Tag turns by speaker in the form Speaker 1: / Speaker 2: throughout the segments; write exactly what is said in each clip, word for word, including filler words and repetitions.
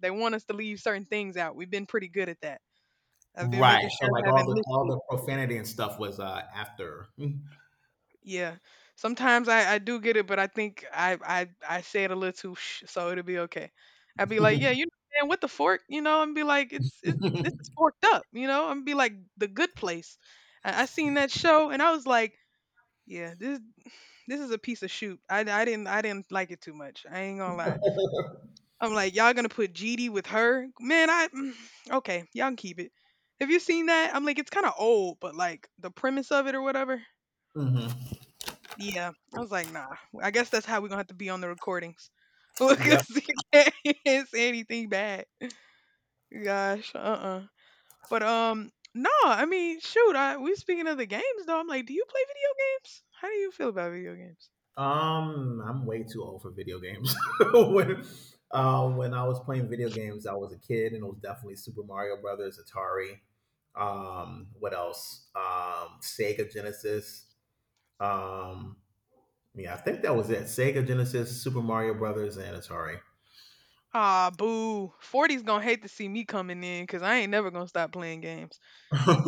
Speaker 1: They want us to leave certain things out. We've been pretty good at that. I've been
Speaker 2: Right,
Speaker 1: making
Speaker 2: so,
Speaker 1: sure
Speaker 2: like,
Speaker 1: I
Speaker 2: all
Speaker 1: haven't
Speaker 2: the all
Speaker 1: listed.
Speaker 2: the profanity and stuff was, uh, after.
Speaker 1: Yeah. Sometimes I, I do get it, but I think I I I say it a little too sh, so it'll be okay. I'd be like, yeah, you know, man, with the fork, you know, and be like, it's it's this is forked up, you know, and be like the good place. I, I seen that show and I was like, yeah, this this is a piece of shoot. I, I didn't I didn't like it too much. I ain't gonna lie. I'm like, y'all gonna put G D with her? Man, I mm, okay, y'all can keep it. Have you seen that? I'm like, it's kind of old, but like the premise of it or whatever.
Speaker 2: Mhm.
Speaker 1: Yeah, I was like, nah. I guess that's how we're gonna have to be on the recordings
Speaker 2: Yep.
Speaker 1: because you can't can't say anything bad. Gosh, uh-uh. But um, no, I mean, shoot, I we speaking of the games though. I'm like, do you play video games? How do you feel about video games?
Speaker 2: Um, I'm way too old for video games. When, uh, when I was playing video games, I was a kid, and it was definitely Super Mario Brothers, Atari, um, what else? Um, Sega Genesis, um, yeah, I think that was it. Sega Genesis, Super Mario Brothers, and Atari.
Speaker 1: Ah, boo. Forty's gonna hate to see me coming in because I ain't never gonna stop playing games.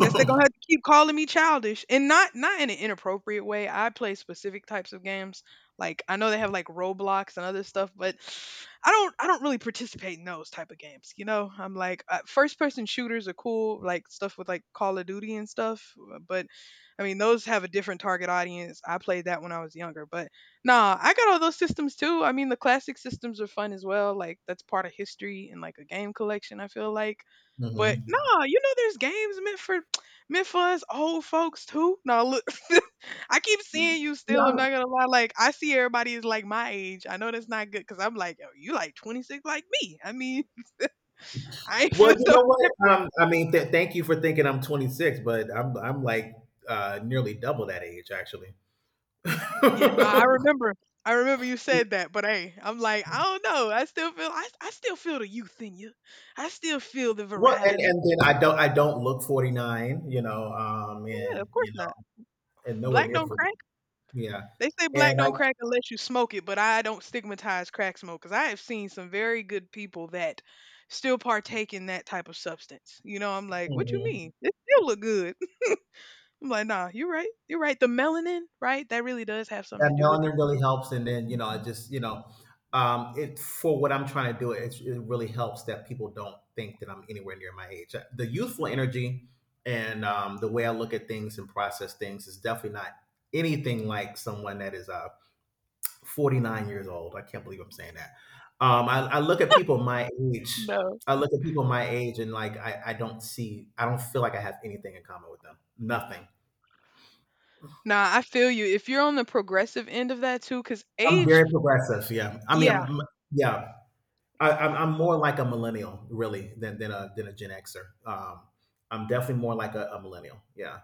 Speaker 1: Guess they're gonna have to keep calling me childish, and not not in an inappropriate way. I play specific types of games. Like I know they have like Roblox and other stuff, but I don't I don't really participate in those type of games. You know, I'm like uh, first person shooters are cool, like stuff with like Call of Duty and stuff. uh, But I mean, those have a different target audience. I played that when I was younger, but nah, I got all those systems too. I mean, the classic systems are fun as well. Like that's part of history and like a game collection, I feel like. But
Speaker 2: Mhm.
Speaker 1: nah, you know, there's games meant for meant for us old folks too? No, look, I keep seeing you still. I'm not gonna lie. Like I see everybody is like my age. I know that's not good because I'm like, yo, you like twenty-six like me. I mean, I ain't
Speaker 2: Well,
Speaker 1: feel
Speaker 2: you
Speaker 1: no
Speaker 2: know what?
Speaker 1: different.
Speaker 2: Um, I mean, th- thank you for thinking I'm twenty-six, but I'm I'm like uh, nearly double that age, actually.
Speaker 1: Yeah, no, I
Speaker 2: Well,
Speaker 1: remember. I remember you said that, but hey, I'm like, I don't know. I still feel. I, I still feel the youth in you. I still feel the
Speaker 2: and
Speaker 1: virality.
Speaker 2: and then I don't I don't look forty-nine, you know, um,
Speaker 1: Well, yeah,
Speaker 2: and
Speaker 1: of course
Speaker 2: you
Speaker 1: not.
Speaker 2: know, and nowhere
Speaker 1: Black
Speaker 2: near
Speaker 1: don't
Speaker 2: forty.
Speaker 1: crack.
Speaker 2: Yeah,
Speaker 1: They say
Speaker 2: and
Speaker 1: black
Speaker 2: I.
Speaker 1: don't crack unless you smoke it, but I don't stigmatize crack smokers. I have seen some very good people that still partake in that type of substance. You know, I'm like, what you
Speaker 2: Mhm.
Speaker 1: mean? It still look good. I'm like, nah, you're right. You're right. The melanin, right? That really does have something
Speaker 2: That
Speaker 1: to do with it.
Speaker 2: melanin really helps, and then, you know, it
Speaker 1: Mhm.
Speaker 2: just, you know, um it, for what I'm trying to do, it it really helps that people don't think that I'm anywhere near my age. The youthful energy and um the way I look at things and process things is definitely not anything like someone that is uh forty-nine years old. I can't believe I'm saying that. Um i, I look at people my age.
Speaker 1: No.
Speaker 2: I look at people my age and like, I, I don't see, I don't feel like I have anything in common with them. Nothing.
Speaker 1: Nah, I feel you. If you're on the progressive end of that too, because
Speaker 2: I'm
Speaker 1: age,
Speaker 2: very progressive. Yeah. I mean,
Speaker 1: yeah,
Speaker 2: I'm, yeah. I, I'm, I'm more like a millennial, really, than, than a than a Gen Xer. Um, I'm definitely more like a, a millennial. Yeah,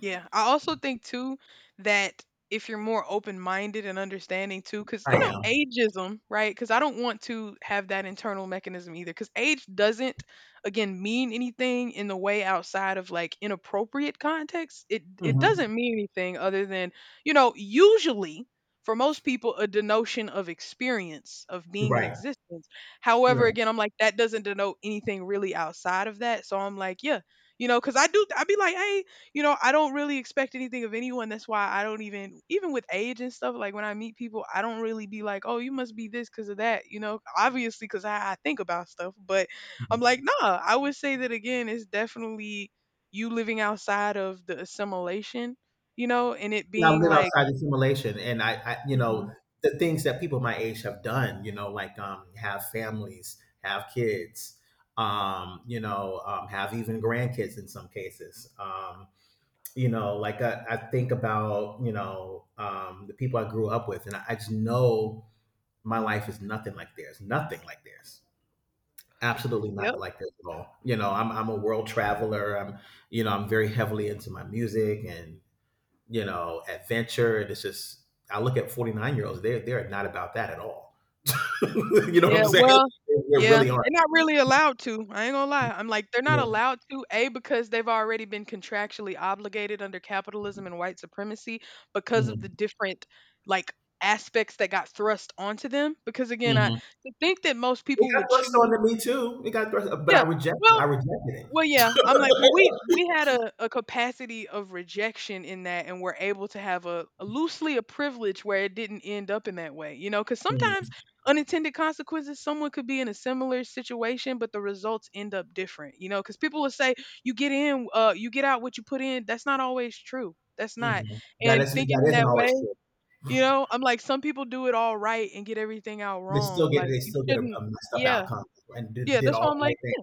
Speaker 1: yeah, I also think too that if you're more open-minded and understanding too, because
Speaker 2: I
Speaker 1: you know
Speaker 2: am.
Speaker 1: ageism, right? Because I don't want to have that internal mechanism either. Because age doesn't, again, mean anything in the way outside of like inappropriate context. It it
Speaker 2: hmm
Speaker 1: doesn't mean anything other than you know usually for most people a denotion of experience of being in
Speaker 2: Right.
Speaker 1: existence. However,
Speaker 2: Yeah.
Speaker 1: again, I'm like that doesn't denote anything really outside of that. So I'm like, yeah, you know, because I do, I'd be like, hey, you know, I don't really expect anything of anyone. That's why I don't even, even with age and stuff, like when I meet people, I don't really be like, oh, you must be this because of that, you know, obviously because I, I think about stuff. But I'm
Speaker 2: Yeah,
Speaker 1: like, nah, I would say that again, it's definitely you living outside of the assimilation, you know, and it
Speaker 2: I
Speaker 1: being
Speaker 2: live
Speaker 1: like,
Speaker 2: outside the simulation, and I, I, you
Speaker 1: mhm.
Speaker 2: know, the things that people my age have done, you know, like um, have families, have kids, um, you know, um, have even grandkids in some cases. Um, you know, like I, I think about, you know, um, the people I grew up with, and I, I just know. My life is nothing like theirs. Nothing like theirs. Absolutely
Speaker 1: Yep.
Speaker 2: not like theirs at all. You know, I'm I'm a world traveler. I'm you know I'm very heavily into my music and, you know, adventure. And it's just, I look at forty-nine year olds. They are they're not about that at all. You know what
Speaker 1: Yeah,
Speaker 2: I'm saying?
Speaker 1: well,
Speaker 2: They
Speaker 1: yeah,
Speaker 2: really aren't.
Speaker 1: they're not really allowed to. I ain't gonna lie. I'm like, they're not
Speaker 2: Yeah.
Speaker 1: allowed to, A, because they've already been contractually obligated under capitalism and white supremacy because of the
Speaker 2: Mhm.
Speaker 1: different, like, aspects that got thrust onto them. Because again, I
Speaker 2: Mhm.
Speaker 1: to think that most
Speaker 2: It
Speaker 1: people
Speaker 2: got
Speaker 1: would
Speaker 2: thrust
Speaker 1: choose,
Speaker 2: onto me too. It got thrust, but
Speaker 1: yeah,
Speaker 2: I rejected.
Speaker 1: well,
Speaker 2: I rejected it.
Speaker 1: well, yeah, I'm like, but we we had a, a capacity of rejection in that, and we're able to have a, a loosely a privilege where it didn't end up in that way, you know, because sometimes
Speaker 2: Mm,
Speaker 1: unintended consequences, someone could be in a similar situation, but the results end up different, you know, because people will say you get in, uh, you get out what you put in. That's not always true. That's not.
Speaker 2: mhm. That
Speaker 1: And
Speaker 2: isn't
Speaker 1: thinking
Speaker 2: that
Speaker 1: in
Speaker 2: isn't
Speaker 1: that way,
Speaker 2: always true.
Speaker 1: you know, I'm like, some people do it all right and get everything out
Speaker 2: They
Speaker 1: wrong.
Speaker 2: still get
Speaker 1: Like
Speaker 2: they
Speaker 1: you
Speaker 2: still get a, a
Speaker 1: shouldn't.
Speaker 2: messed up
Speaker 1: Yeah,
Speaker 2: outcome, and did,
Speaker 1: yeah.
Speaker 2: did
Speaker 1: That's why
Speaker 2: all
Speaker 1: I'm
Speaker 2: the
Speaker 1: like.
Speaker 2: right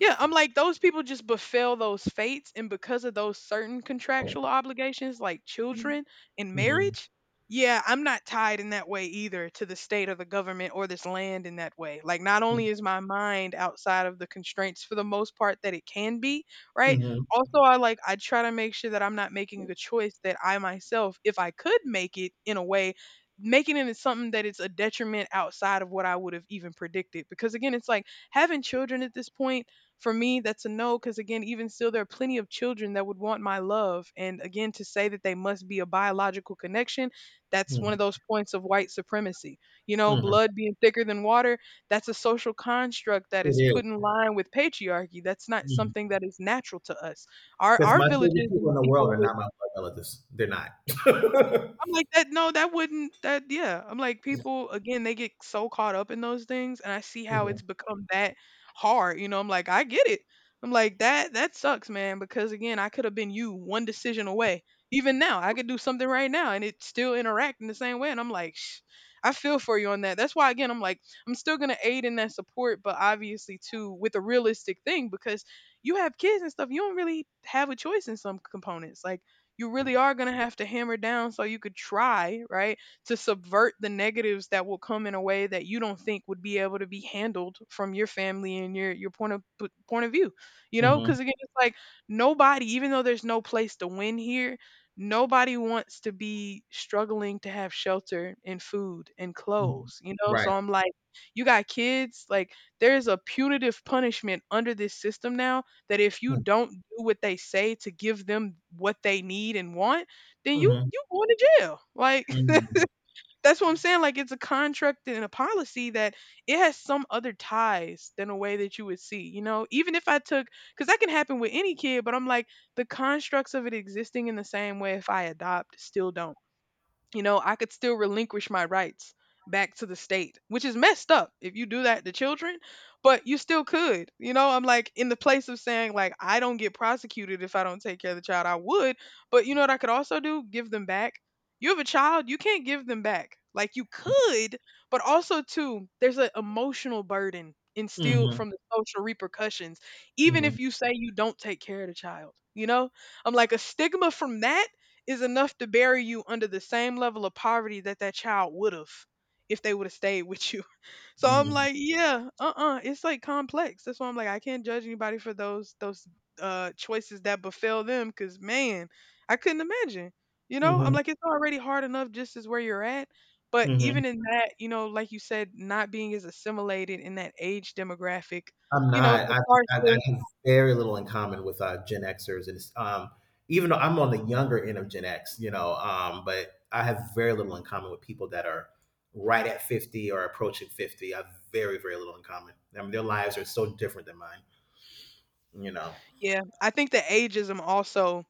Speaker 1: Yeah, I'm like those people just befell those fates, and because of those certain contractual obligations, like children and
Speaker 2: things.
Speaker 1: marriage. Yeah, I'm not tied in that way either to the state or the government or this land in that way. Like, not only is my mind outside of the constraints for the most part that it can be, right?
Speaker 2: Mhm,
Speaker 1: Also, I like, I try to make sure that I'm not making a choice that I myself, if I could make it in a way, making it into something that it's a detriment outside of what I would have even predicted. Because again, it's like having children at this point for me, that's a no because, again, even still, there are plenty of children that would want my love. And again, to say that they must be a biological connection, that's one of
Speaker 2: mm,
Speaker 1: those points of white supremacy. You know,
Speaker 2: mhm.
Speaker 1: blood being thicker than water, that's a social construct that is
Speaker 2: It
Speaker 1: put in
Speaker 2: is,
Speaker 1: line with patriarchy. That's not
Speaker 2: is.
Speaker 1: something that is natural to us. Our,
Speaker 2: 'Cause
Speaker 1: our
Speaker 2: my favorite
Speaker 1: villages
Speaker 2: people
Speaker 1: and
Speaker 2: in the world
Speaker 1: people
Speaker 2: are
Speaker 1: with
Speaker 2: not my blood relatives. They're not.
Speaker 1: I'm like that. No, that wouldn't. That yeah. I'm like people again. They get so caught up in those things, and I see how it's
Speaker 2: Mhm,
Speaker 1: become that hard. You know, I'm like I get it. I'm like that. That sucks, man. Because again, I could have been you one decision away. Even now, I could do something right now, and it still interact in the same way. And I'm like, shh, I feel for you on that. That's why again, I'm like I'm still gonna aid in that support, but obviously too with a realistic thing because you have kids and stuff. You don't really have a choice in some components. Like you really are going to have to hammer down so you could try, right, to subvert the negatives that will come in a way that you don't think would be able to be handled from your family and your your point of p- point of view. You know,
Speaker 2: mhm,
Speaker 1: cuz again it's like nobody even though there's no place to win here, nobody wants to be struggling to have shelter and food and
Speaker 2: mm.
Speaker 1: clothes, you know? So
Speaker 2: Right.
Speaker 1: I'm like you got kids, like there's a punitive punishment under this system now that if you
Speaker 2: Mm,
Speaker 1: don't do what they say to give them what they need and want, then you
Speaker 2: mhm,
Speaker 1: you going to jail. Like
Speaker 2: mm,
Speaker 1: that's what I'm saying. Like it's a contract and a policy that it has some other ties than a way that you would see. You know, even if I took because that can happen with any kid, but I'm like the constructs of it existing in the same way if I adopt still don't you know, I could still relinquish my rights back to the state, which is messed up if you do that to children, but you still could. You know, I'm like in the place of saying like I don't get prosecuted if I don't take care of the child, I would, but you know what I could also do? Give them back. You have a child, you can't give them back. Like you could, but also too, there's an emotional burden instilled
Speaker 2: mhm,
Speaker 1: from the social repercussions even if
Speaker 2: mhm,
Speaker 1: you say you don't take care of the child, you know? I'm like a stigma from that is enough to bury you under the same level of poverty that that child would have if they would have stayed with you. So I'm
Speaker 2: mhm,
Speaker 1: like, yeah, uh-uh, it's like complex. That's why I'm like, I can't judge anybody for those those uh choices that befell them because man, I couldn't imagine. You know, I'm
Speaker 2: mhm,
Speaker 1: like, it's already hard enough just as where you're at. But
Speaker 2: mhm.
Speaker 1: even in that, you know, like you said, not being as assimilated in that age demographic,
Speaker 2: I'm
Speaker 1: you know,
Speaker 2: not.
Speaker 1: it
Speaker 2: I,
Speaker 1: starts
Speaker 2: I, I
Speaker 1: to,
Speaker 2: have very little in common with uh, Gen Xers, and it's, um, even though I'm on the younger end of Gen X, you know, um, but I have very little in common with people that are right at fifty or approaching fifty. I have very, very little in common. I mean, their lives are so different than mine, you know.
Speaker 1: yeah, I think the ageism also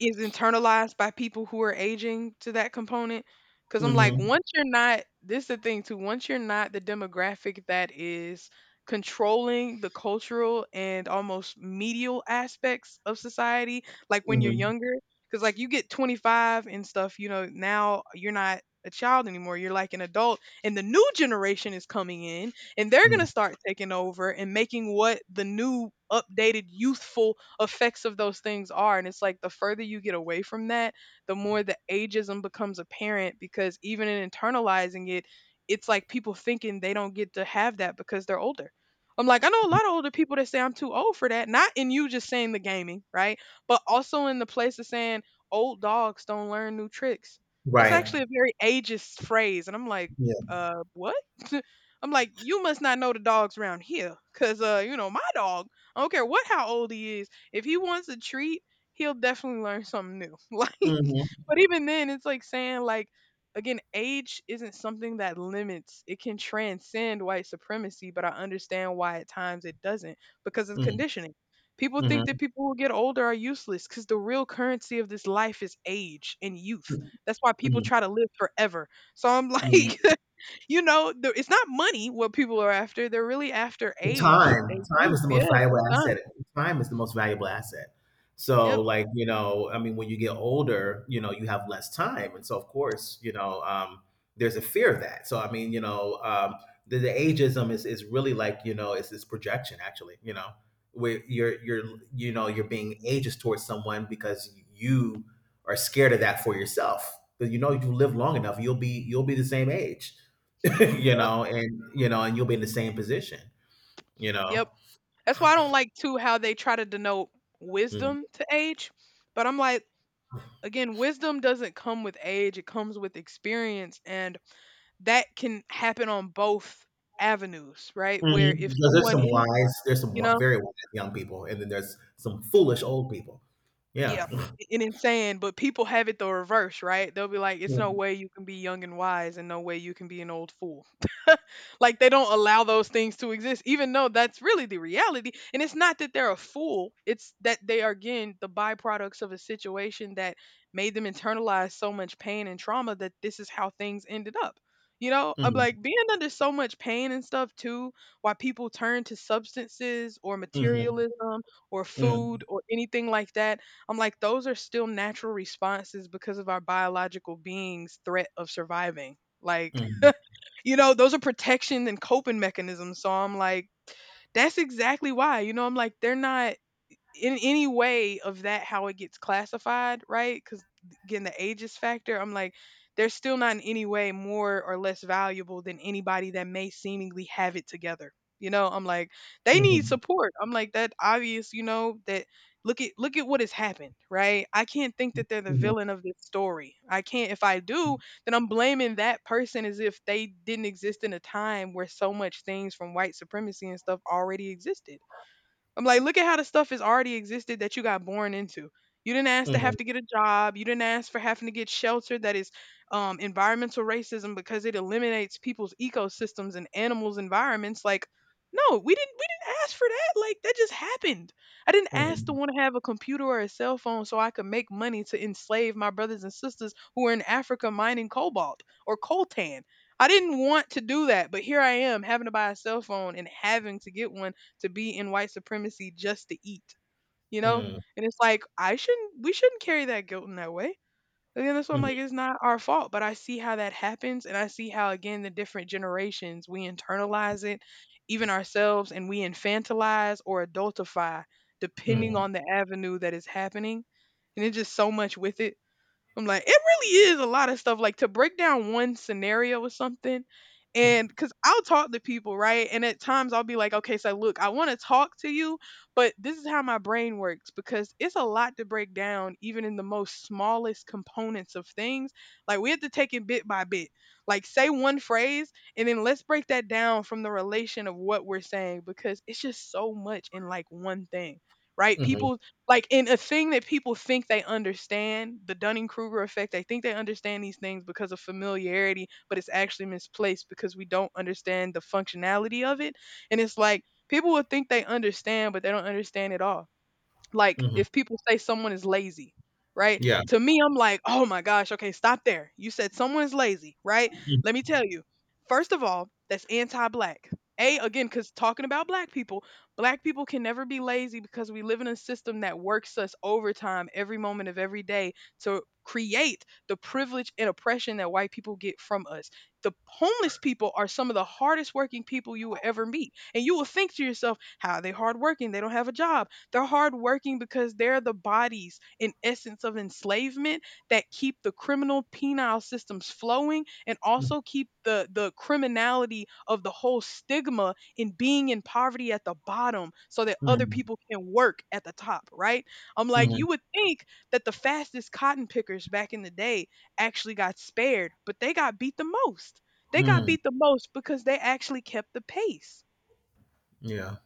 Speaker 1: is internalized by people who are aging to that component. Because I'm like,
Speaker 2: Mm-hmm.
Speaker 1: once you're not, this is the thing too, once you're not the demographic that is controlling the cultural and almost medial aspects of society, like when you're
Speaker 2: Hmm.
Speaker 1: younger, because like you get twenty-five and stuff, you know, now you're not a child anymore, you're like an adult, and the new generation is coming in and they're going to
Speaker 2: Hmm.
Speaker 1: start taking over and making what the new updated youthful effects of those things are. And it's like the further you get away from that, the more the ageism becomes apparent because even in internalizing it, it's like people thinking they don't get to have that because they're older. I'm like, I know a lot of older people that say I'm too old for that. Not in you just saying the gaming, right? But also in the place of saying old dogs don't learn new tricks. That's
Speaker 2: Right.
Speaker 1: actually a very ageist phrase. And I'm like,
Speaker 2: Yeah.
Speaker 1: uh, what? I'm like, you must not know the dogs around here. Cause, uh, you know, my dog, I don't care what, how old he is. If he wants a treat, he'll definitely learn something new. Like,
Speaker 2: Hmm.
Speaker 1: but even then, it's like saying like again, age isn't something that limits. It can transcend white supremacy, but I understand why at times it doesn't because of conditioning. People think that
Speaker 2: Hmm.
Speaker 1: people who get older are useless because the real currency of this life is age and youth. That's why people
Speaker 2: Hmm.
Speaker 1: try to live forever. So I'm like, you know, the, it's not money what people are after. They're really after
Speaker 2: The
Speaker 1: age
Speaker 2: Time.
Speaker 1: and
Speaker 2: Time
Speaker 1: youth.
Speaker 2: is the
Speaker 1: Yeah,
Speaker 2: most valuable
Speaker 1: sometimes.
Speaker 2: asset. Time is the most valuable asset. So,
Speaker 1: Yep,
Speaker 2: like, you know, I mean, when you get older, you know, you have less time. And so, of course, you know, um, there's a fear of that. So, I mean, you know, um, the, the ageism is, is really like, you know, it's this projection actually, you know, where you're, you're, you know, you're being ageist towards someone because you are scared of that for yourself. Because you know, if you live long enough, you'll be, you'll be the same age, you
Speaker 1: yep,
Speaker 2: know, and, you know, and you'll be in the same position, you know?
Speaker 1: yep. That's why I don't like too how they try to denote
Speaker 2: Mm.
Speaker 1: wisdom to age. But I'm like, again, wisdom doesn't come with age, it comes with experience. And that can happen on both avenues, right? Where
Speaker 2: Mhm.
Speaker 1: if
Speaker 2: Because there's
Speaker 1: someone
Speaker 2: some
Speaker 1: is,
Speaker 2: wise, there's some
Speaker 1: you know,
Speaker 2: wi- very wise young people, and then there's some foolish old people.
Speaker 1: yeah,
Speaker 2: Yeah.
Speaker 1: I- and insane, but people have it the reverse, right? They'll be like, "It's no
Speaker 2: Mhm.
Speaker 1: way you can be young and wise, and no way you can be an old fool." Like they don't allow those things to exist, even though that's really the reality. And it's not that they're a fool; it's that they are again the byproducts of a situation that made them internalize so much pain and trauma that this is how things ended up. You know, I'm
Speaker 2: Mhm.
Speaker 1: like being under so much pain and stuff too. Why people turn to substances or materialism or food
Speaker 2: Mhm.
Speaker 1: or anything like that, I'm like, those are still natural responses because of our biological being's threat of surviving. Like, you know, those are protection and coping mechanisms. So I'm like, that's exactly why. You know, I'm like, they're not in any way of that how it gets classified, right? Because again, the ages factor, I'm like, they're still not in any way more or less valuable than anybody that may seemingly have it together. You know, I'm like, they
Speaker 2: Mhm.
Speaker 1: need
Speaker 2: Mhm.
Speaker 1: support. I'm like that obvious, you know, that look at look at what has happened, right? I can't think that they're the
Speaker 2: Mhm.
Speaker 1: villain of this story. I can't. If I do, then I'm blaming that person as if they didn't exist in a time where so much things from white supremacy and stuff already existed. I'm like, look at how the stuff has already existed that you got born into. You didn't ask to have to get a job. You didn't ask for having to get shelter. That is um, environmental racism because it eliminates people's ecosystems and animals' environments. Like, no, we didn't. We didn't ask for that. Like, that just happened. I didn't
Speaker 2: Mhm.
Speaker 1: ask to
Speaker 2: Mhm.
Speaker 1: want to have a computer or a cell phone so I could make money to enslave my brothers and sisters who are in Africa mining cobalt or coltan. I didn't want to do that, but here I am having to buy a cell phone and having to get one to be in white supremacy just to eat, you know? And it's like I shouldn't we shouldn't carry that guilt in that way. Again, that's why I'm
Speaker 2: Mhm.
Speaker 1: like,
Speaker 2: Mhm.
Speaker 1: it's not our fault, but I see how that happens, and I see how again the different generations we internalize it, even ourselves, and we infantilize or adultify depending on the avenue that is happening, and it's just so much with it. I'm like, it really is a lot of stuff. Like to break down one scenario or something, and because I'll talk to people, right? And at times I'll be like, okay, so look, I want to talk to you, but this is how my brain works because it's a lot to break down, even in the most smallest components of things. Like we have to take it bit by bit. Like say one phrase, and then let's break that down from the relation of what we're saying because it's just so much in like one thing. Right?
Speaker 2: Mhm.
Speaker 1: People like, in a thing that people think they understand, the Dunning-Kruger effect, they think they understand these things because of familiarity, but it's actually misplaced because we don't understand the functionality of it, and it's like, people will think they understand, but they don't understand at all. Like,
Speaker 2: Mhm.
Speaker 1: if
Speaker 2: Mhm.
Speaker 1: people say someone is lazy, right?
Speaker 2: Yeah.
Speaker 1: To me, I'm like, oh my gosh, okay, stop there. You said someone is lazy, right?
Speaker 2: Mhm.
Speaker 1: Let me tell you, first of all, that's anti black. A, again, because talking about black people, black people can never be lazy because we live in a system that works us overtime every moment of every day to create the privilege and oppression that white people get from us. The homeless people are some of the hardest working people you will ever meet. And you will think to yourself, how are they hardworking? They don't have a job. They're hardworking because they're the bodies and essence of enslavement that keep the criminal penal systems flowing and also keep the, the criminality of the whole stigma in being in poverty at the bottom so that other
Speaker 2: Mhm.
Speaker 1: people can work at the top, right? I'm like,
Speaker 2: Mhm.
Speaker 1: you would think that the fastest cotton pickers back in the day actually got spared, but they got beat the most. They got
Speaker 2: Mhm.
Speaker 1: beat the most because they actually kept the pace.
Speaker 2: Yeah.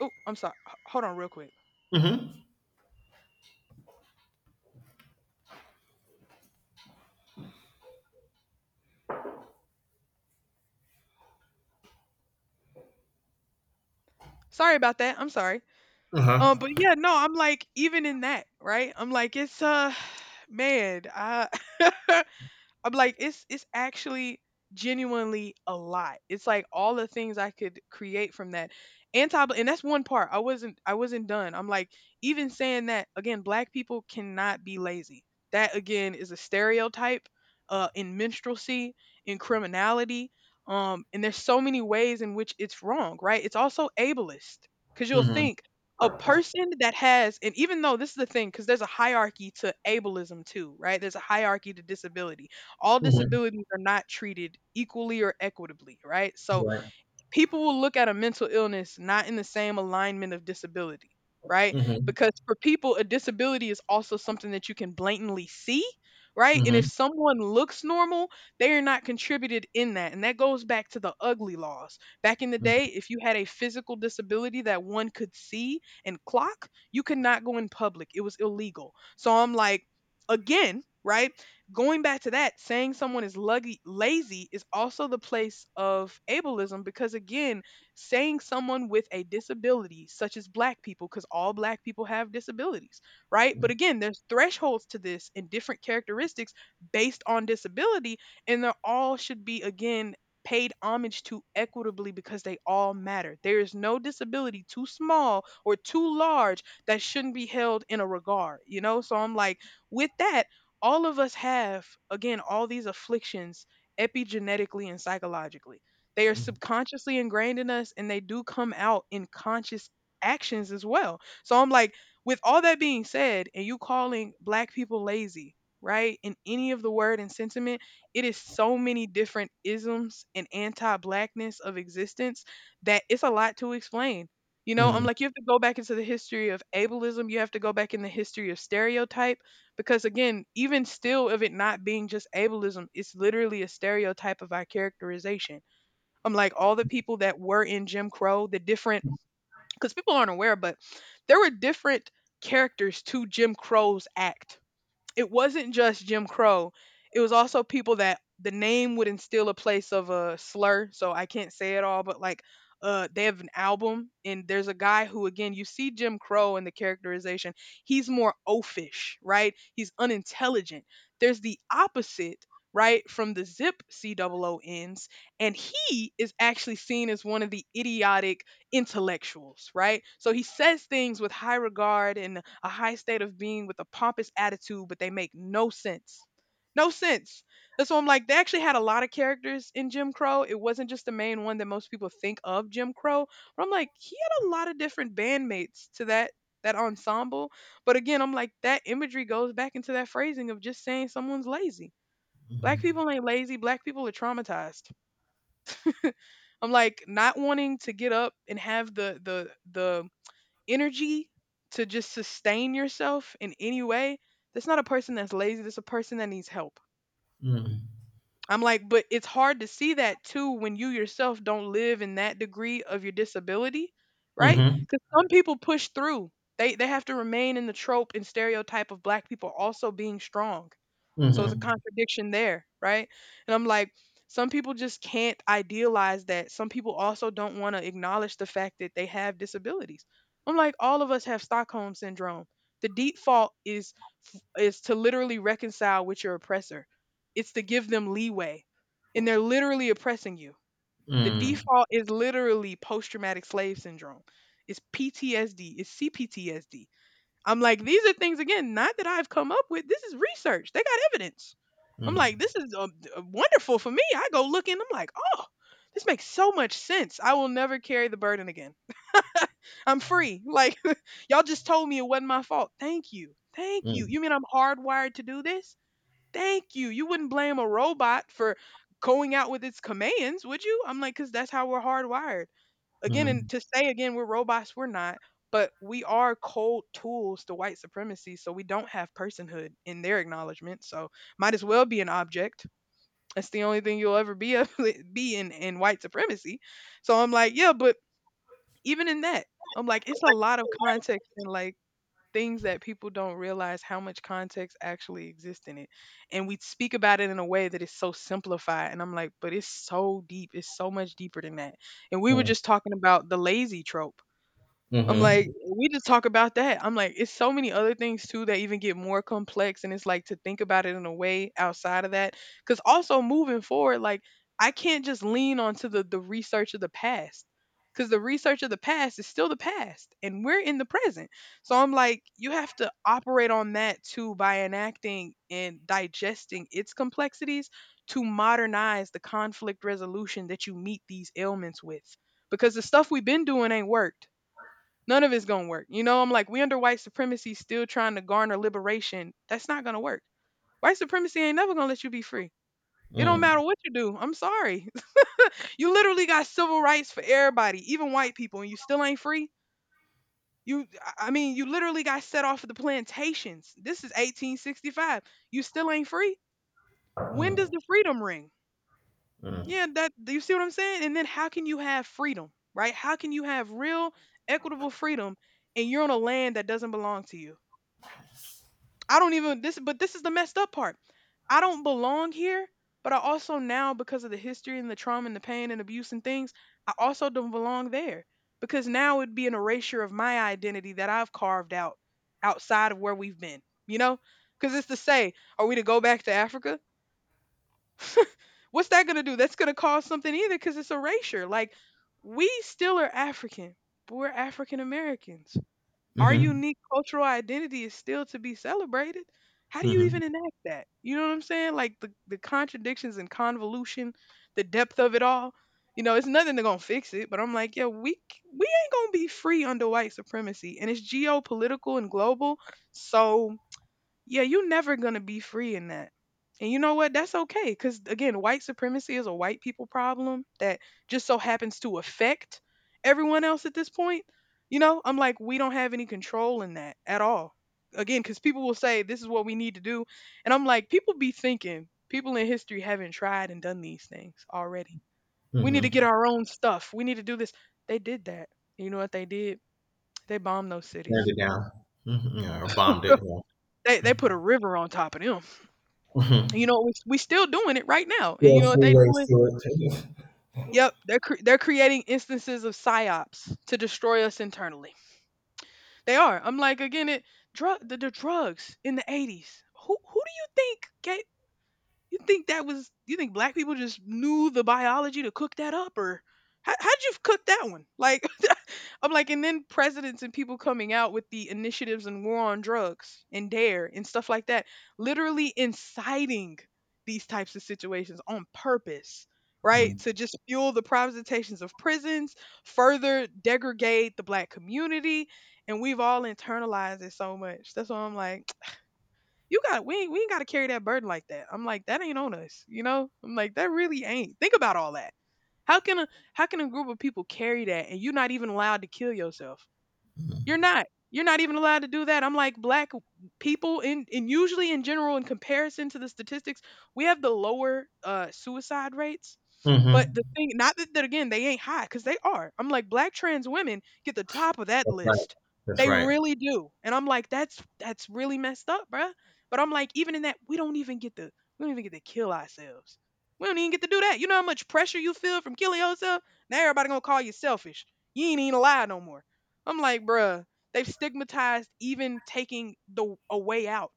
Speaker 1: Oh, I'm sorry. H- Hold on, real quick.
Speaker 2: Mhm.
Speaker 1: Sorry about that. I'm sorry.
Speaker 2: Uh-huh.
Speaker 1: Um, but yeah, no, I'm like, even in that, right? I'm like, it's uh man, I I'm like, it's it's actually genuinely a lot. It's like all the things I could create from that. Anti and that's one part. I wasn't I wasn't done. I'm like, even saying that again, black people cannot be lazy. That again is a stereotype uh in minstrelsy, in criminality. Um, and there's so many ways in which it's wrong, right? It's also ableist. Cause you'll
Speaker 2: Mhm.
Speaker 1: think a person that has, and even though this is the thing because there's a hierarchy to ableism too, right, there's a hierarchy to disability, all
Speaker 2: Mhm.
Speaker 1: disabilities are not treated equally or equitably, right? So
Speaker 2: Right.
Speaker 1: people will look at a mental illness not in the same alignment of disability, right?
Speaker 2: Mhm.
Speaker 1: Because for people, a disability is also something that you can blatantly see, right? And if
Speaker 2: Mhm.
Speaker 1: someone looks normal, they are not contributed in that. And that goes back to the ugly laws. Back in the
Speaker 2: Mhm.
Speaker 1: day, if you had a physical disability that one could see and clock, you could not go in public. It was illegal. So I'm like, again, right? Going back to that, saying someone is luggy, lazy is also the place of ableism because, again, saying someone with a disability, such as black people, because all black people have disabilities, right? But
Speaker 2: Mhm.
Speaker 1: again, there's thresholds to this and different characteristics based on disability, and they all should be, again, paid homage to equitably because they all matter. There is no disability too small or too large that shouldn't be held in a regard, you know? So I'm like, with that, all of us have again all these afflictions epigenetically and psychologically, they are subconsciously ingrained in us and they do come out in conscious actions as well. So I'm like, with all that being said and you calling black people lazy, right, in any of the word and sentiment, it is so many different isms and anti-blackness of existence that it's a lot to explain. You know, I'm
Speaker 2: Mhm.
Speaker 1: like, you have to go back into the history of ableism, you have to go back in the history of stereotype because again even still of it not being just ableism, it's literally a stereotype of our characterization. I'm like all the people that were in Jim Crow, the different, because people aren't aware, but there were different characters to Jim Crow's act. It wasn't just Jim Crow. It was also people that the name would instill a place of a slur, so I can't say it all, but like uh they have an album and there's a guy who again you see Jim Crow in the characterization. He's more oafish, right? He's unintelligent. There's the opposite right from the zip COONs, and he is actually seen as one of the idiotic intellectuals, right? So he says things with high regard and a high state of being with a pompous attitude, but they make no sense. No sense. That's why I'm like, they actually had a lot of characters in Jim Crow. It wasn't just the main one that most people think of Jim Crow. But I'm like, he had a lot of different bandmates to that that ensemble. But again, I'm like, that imagery goes back into that phrasing of just saying someone's lazy. Black people ain't lazy. Black people are traumatized. I'm like not wanting to get up and have the the the energy to just sustain yourself in any way, that's not a person that's lazy. That's a person that needs help.
Speaker 2: Mhm. Mhm.
Speaker 1: I'm like, but it's hard to see that too when you yourself don't live in that degree of your disability, right? Because some people push through. They they have to remain in the trope and stereotype of black people also being strong. So it's a
Speaker 2: Mhm.
Speaker 1: contradiction there, right? And I'm like, some people just can't idealize that. Some people also don't want to acknowledge the fact that they have disabilities. I'm like, all of us have Stockholm syndrome. The default is is to literally reconcile with your oppressor. It's to give them leeway. And they're literally oppressing you. The
Speaker 2: Mhm.
Speaker 1: default is literally post traumatic slave syndrome. It's P T S D, it's C P T S D. I'm like, these are things again, not that I've come up with. This is research. They got evidence. I'm like,
Speaker 2: Mhm.
Speaker 1: this is uh, d- uh, wonderful for me. I go looking. I'm like, oh, this makes so much sense. I will never carry the burden again. I'm free. Like, y'all just told me it wasn't my fault. Thank you. Thank you.
Speaker 2: Mhm.
Speaker 1: You mean I'm hardwired to do this? Thank you. You wouldn't blame a robot for going out with its commands, would you? I'm like, because that's how we're hardwired. Again, and
Speaker 2: Mhm.
Speaker 1: to say again, we're robots, we're not, but we are cold tools to white supremacy, so we don't have personhood in their acknowledgement. So might as well be an object. That's the only thing you'll ever be a, be in in white supremacy. So I'm like, yeah, but even in that, I'm like, it's a lot of context and like things that people don't realize how much context actually exists in it. And we speak about it in a way that is so simplified. And I'm like, but it's so deep. It's so much deeper than that. And we were
Speaker 2: Mm.
Speaker 1: just talking about the lazy trope. I'm like,
Speaker 2: Mhm.
Speaker 1: we just talk about that. I'm like, it's so many other things too that even get more complex. And it's like to think about it in a way outside of that. Cause also moving forward, like I can't just lean onto the the research of the past. Cause the research of the past is still the past and we're in the present. So I'm like, you have to operate on that too by enacting and digesting its complexities to modernize the conflict resolution that you meet these ailments with. Because the stuff we've been doing ain't worked. None of it's gonna work. You know, I'm like, we under white supremacy still trying to garner liberation. That's not gonna work. White supremacy ain't never gonna let you be free. It don't matter
Speaker 2: Mm.
Speaker 1: what you do. I'm sorry. You literally got civil rights for everybody, even white people, and you still ain't free. You, I I mean, you literally got set off of the plantations. This is eighteen sixty-five. You still ain't free. When does
Speaker 2: Mm.
Speaker 1: the freedom ring?
Speaker 2: Mm.
Speaker 1: Yeah, that do you see what I'm saying? And then how can you have freedom, right? How can you have real equitable freedom and you're on a land that doesn't belong to you? I don't even this but this is the messed up part. I don't belong here, but I also now because of the history and the trauma and the pain and abuse and things, I also don't belong there because now it'd be an erasure of my identity that I've carved out outside of where we've been, you know? Cuz it's to say, are we to go back to Africa? What's that going to do? That's going to cause something either cuz it's erasure. Like we still are African, but we're African Americans. Our
Speaker 2: Mhm.
Speaker 1: unique cultural identity is still to be celebrated. How do you
Speaker 2: Mhm.
Speaker 1: even enact that? You know what I'm saying? Like the, the contradictions and convolution, the depth of it all. You know, it's nothing that's gonna fix it. But I'm like, yeah, we c- we ain't gonna be free under white supremacy, and it's geopolitical and global. So yeah, you're never going to be free in that. And you know what? That's okay. Because again, white supremacy is a white people problem that just so happens to affect everyone else at this point. You know, I'm like, we don't have any control in that at all. Again, because people will say, this is what we need to do. And I'm like, people be thinking, people in history haven't tried and done these things already. We need to get
Speaker 2: Mhm.
Speaker 1: our own stuff. We need to do this. They did that. You know what they did? They bombed those
Speaker 2: Burned
Speaker 1: cities.
Speaker 2: it down. Mhm. Yeah, or bombed it. Yeah.
Speaker 1: They, they
Speaker 2: Mm.
Speaker 1: put a river on top of them. You
Speaker 2: Mhm.
Speaker 1: know, we we still doing it right now, and
Speaker 2: Yeah,
Speaker 1: you know what they
Speaker 2: freeways
Speaker 1: doing?
Speaker 2: to it.
Speaker 1: Yep, they're cre- they're creating instances of psyops to destroy us internally. They are. I'm like again, it drug the, the drugs in the eighties. Who who do you think? Gave you think that was? You think black people just knew the biology to cook that up, or how, how'd you cook that one? Like, I'm like, and then presidents and people coming out with the initiatives and war on drugs and dare and stuff like that, literally inciting these types of situations on purpose, right?
Speaker 2: Mm.
Speaker 1: To just fuel the privatizations of prisons, further degrade the black community, and we've all internalized it so much. That's why I'm like you got we ain't, we ain't got to carry that burden like that. I'm like that ain't on us, you know. I'm like that really ain't. Think about all that. How can a how can a group of people carry that and you're not even allowed to kill yourself? You're
Speaker 2: Mhm.
Speaker 1: not. You're not even allowed to do that. I'm like black people in and usually in general in comparison to the statistics, we have the lower uh suicide rates but the
Speaker 2: Mhm.
Speaker 1: thing not that, that again, they ain't high, cause they are. I'm like, black trans women get the top of that
Speaker 2: That's right.
Speaker 1: list.
Speaker 2: That's
Speaker 1: They
Speaker 2: right.
Speaker 1: really do. And I'm like, that's that's really messed up, bruh. But I'm like, even in that, we don't even get to we don't even get to kill ourselves. We don't even get to do that. You know how much pressure you feel from killing yourself? Now everybody gonna call you selfish. You ain't even alive no more. I'm like, bruh, they've stigmatized even taking the a way out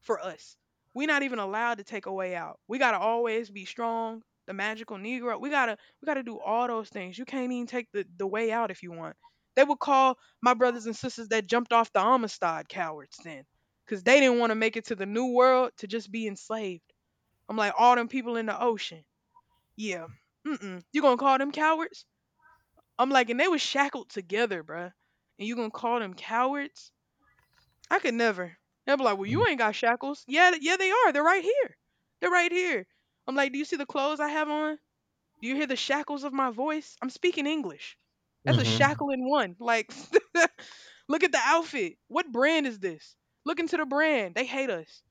Speaker 1: for us. We're not even allowed to take a way out. We gotta always be strong. The magical Negro. We gotta we gotta do all those things. You can't even take the, the way out if you want. They would call my brothers and sisters that jumped off the Amistad cowards then. Cause they didn't want to make it to the new world to just be enslaved. I'm like, all them people in the ocean. Yeah. Mm-mm. You gonna call them cowards? I'm like, and they was shackled together, bruh. And you gonna call them cowards? I could never. They'll be like, well, you
Speaker 2: Mm.
Speaker 1: ain't got shackles. Yeah, th- yeah, they are. They're right here. They're right here. I'm like, do you see the clothes I have on? Do you hear the shackles of my voice? I'm speaking English. That's a
Speaker 2: Mhm.
Speaker 1: shackle in one. Like, look at the outfit. What brand is this? Look into the brand. They hate us.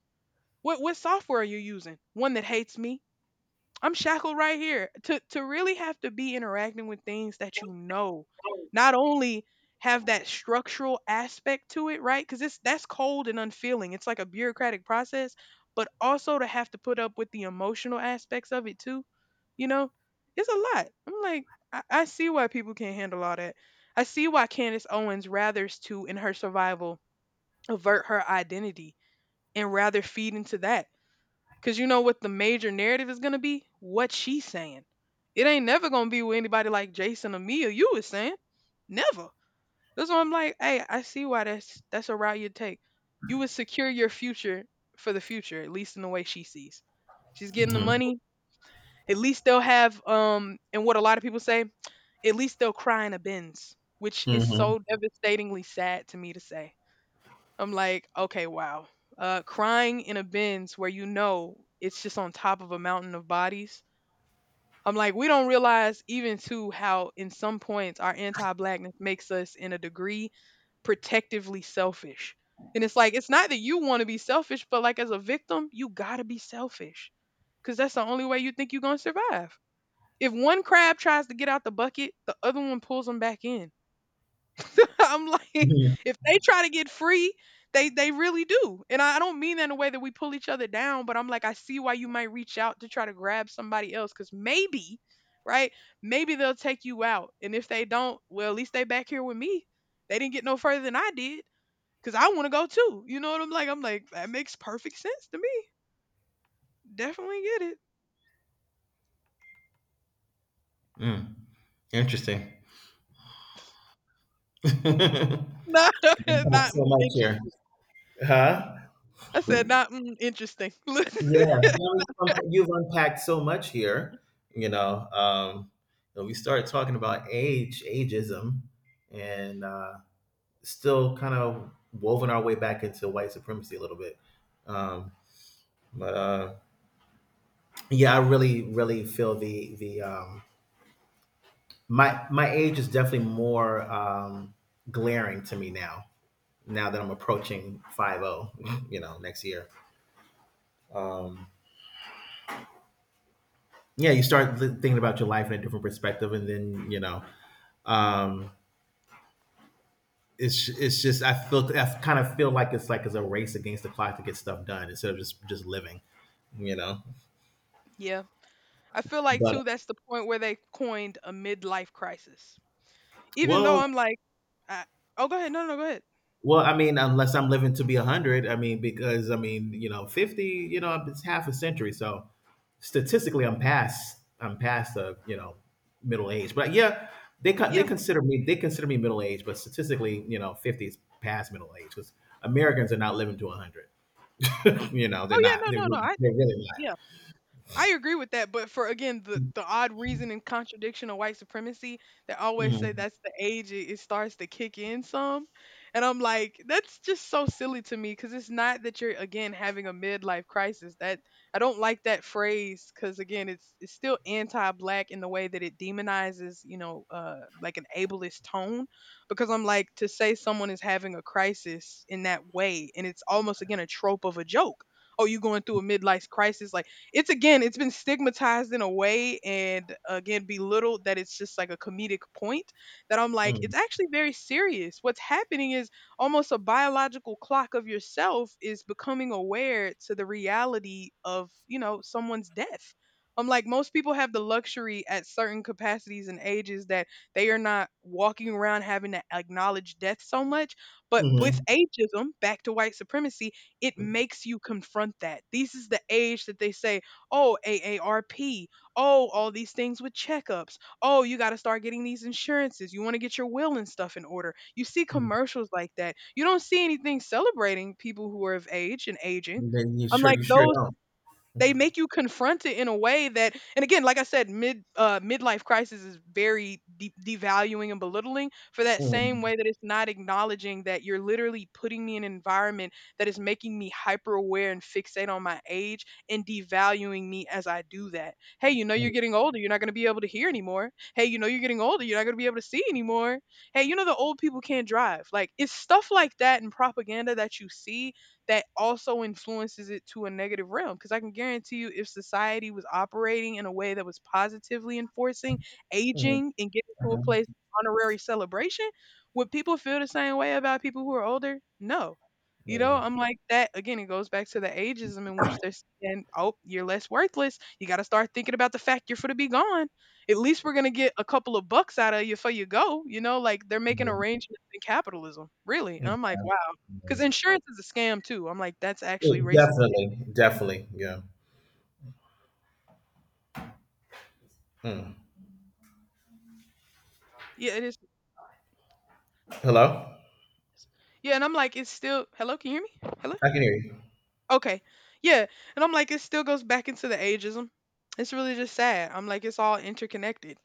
Speaker 1: What what software are you using? One that hates me. I'm shackled right here. To to really have to be interacting with things that you know, not only have that structural aspect to it, right? Because it's that's cold and unfeeling. It's like a bureaucratic process, but also to have to put up with the emotional aspects of it too. You know, it's a lot. I'm like, I, I see why people can't handle all that. I see why Candace Owens rathers to in her survival avert her identity and rather feed into that. Cause you know what the major narrative is gonna be? What she's saying. It ain't never gonna be with anybody like Jason or me or you was saying. Never. That's why I'm like, hey, I see why that's that's a route you take. You would secure your future for the future, at least in the way she sees. She's getting the
Speaker 2: Mhm.
Speaker 1: money. At least they'll have um and what a lot of people say, at least they'll cry in a bins, which is
Speaker 2: Mhm.
Speaker 1: so devastatingly sad to me to say. I'm like, okay, wow. Uh, crying in a bins where you know it's just on top of a mountain of bodies. I'm like, we don't realize even too how in some points our anti-blackness makes us in a degree protectively selfish. And it's like it's not that you want to be selfish, but like as a victim, you gotta be selfish because that's the only way you think you're gonna survive. If one crab tries to get out the bucket, the other one pulls them back in. I'm like,
Speaker 2: Yeah.
Speaker 1: if they try to get free, they they really do. And I, I don't mean that in a way that we pull each other down, but I'm like, I see why you might reach out to try to grab somebody else, because maybe, right? Maybe they'll take you out. And if they don't, well, at least they back here with me. They didn't get no further than I did. Cause I want to go too. You know what I'm like? I'm like, that makes perfect sense to me. Definitely get it.
Speaker 2: Mm. Interesting.
Speaker 1: Not,
Speaker 2: You got
Speaker 1: not
Speaker 2: so
Speaker 1: mm,
Speaker 2: much here.
Speaker 1: interesting.
Speaker 2: Huh?
Speaker 1: I said not mm, interesting.
Speaker 2: Yeah, no, you've unpa- you've unpacked so much here. You know, um, you know, we started talking about age, ageism, and uh, still kind of woven our way back into white supremacy a little bit. Um, but uh, yeah, I really, really feel the the um, my my age is definitely more um, glaring to me now. Now that I'm approaching five zero, you know, next year. Um, yeah, you start li- thinking about your life in a different perspective, and then you know. Um, it's it's just, I feel I kind of feel like it's like it's a race against the clock to get stuff done instead of just just living, you know.
Speaker 1: Yeah. I feel like
Speaker 2: But
Speaker 1: too that's the point where they coined a midlife crisis. Even though
Speaker 2: well,
Speaker 1: I'm like, I, oh, go ahead, no, no, no, go ahead.
Speaker 2: well, I mean, unless I'm living to be a hundred, I mean, because I mean, you know, fifty, you know, it's half a century, so statistically, I'm past I'm past the, you know, middle age. But yeah, they con- they
Speaker 1: Yeah.
Speaker 2: consider me they consider me middle age, but statistically, you know, fifty is past middle age because Americans are not living to a hundred. You know, they're
Speaker 1: Oh yeah,
Speaker 2: not. They
Speaker 1: no, no, no.
Speaker 2: really,
Speaker 1: I,
Speaker 2: they're really
Speaker 1: yeah. I agree with that, but for again the the odd reason and contradiction of white supremacy, they always
Speaker 2: not.
Speaker 1: say that's the age it, it starts to kick in some, and I'm like that's just so silly to me because it's not that you're again having a midlife crisis. That I don't like that phrase because again it's it's still anti-black in the way that it demonizes, you know, uh like an ableist tone, because I'm like to say someone is having a crisis in that way and it's almost again a trope of a joke. Oh, you going through a midlife crisis? Like it's again, it's been stigmatized in a way and again belittled that it's just like a comedic point that I'm like, it's
Speaker 2: Mhm.
Speaker 1: actually very serious. What's happening is almost a biological clock of yourself is becoming aware to the reality of, you know, someone's death. I'm like, most people have the luxury at certain capacities and ages that they are not walking around having to acknowledge death so much. But with
Speaker 2: Mhm,
Speaker 1: ageism, back to white supremacy, it makes you confront that. This is the age that they say, oh, A A R P. Oh, all these things with checkups. Oh, you got to start getting these insurances. You want to get your will and stuff in order. You see
Speaker 2: mm,
Speaker 1: commercials like that. You don't see anything celebrating people who are of age and aging.
Speaker 2: then you
Speaker 1: I'm
Speaker 2: sure
Speaker 1: like,
Speaker 2: you sure
Speaker 1: those
Speaker 2: don't.
Speaker 1: they make you confront it in a way that, and again like I said, mid uh midlife crisis is very de- devaluing and belittling for that same
Speaker 2: Mm,
Speaker 1: way that it's not acknowledging that you're literally putting me in an environment that is making me hyper aware and fixate on my age and devaluing me as I do that. Hey, you know,
Speaker 2: mm,
Speaker 1: you're getting older, you're not going to be able to hear anymore. Hey, you know, you're getting older, you're not going to be able to see anymore. Hey, you know, the old people can't drive. Like it's stuff like that and propaganda that you see that also influences it to a negative realm. Because I can guarantee you, if society was operating in a way that was positively enforcing
Speaker 2: mm,
Speaker 1: aging and getting to a place of
Speaker 2: mhm,
Speaker 1: honorary celebration, would people feel the same way about people who are older? No. You know,
Speaker 2: mm,
Speaker 1: I'm like that again. It goes back to the ageism in which they're saying, "Oh, you're less worthless. You got to start thinking about the fact you're for to be gone. At least we're gonna get a couple of bucks out of you before you go." You know, like they're making
Speaker 2: mm,
Speaker 1: arrangements in capitalism, really.
Speaker 2: mm,
Speaker 1: And I'm like, 'cause
Speaker 2: mm.
Speaker 1: insurance is a scam too. I'm like, "That's actually
Speaker 2: Oh,
Speaker 1: racist."
Speaker 2: definitely, definitely, yeah. Mm.
Speaker 1: Yeah, it is.
Speaker 2: Hello?
Speaker 1: Yeah, and I'm like, "It's still" Hello, can you hear me? Hello?
Speaker 2: I can hear you.
Speaker 1: Okay. Yeah, and I'm like, "It still goes back into the ageism." It's really just sad. I'm like, "It's all interconnected."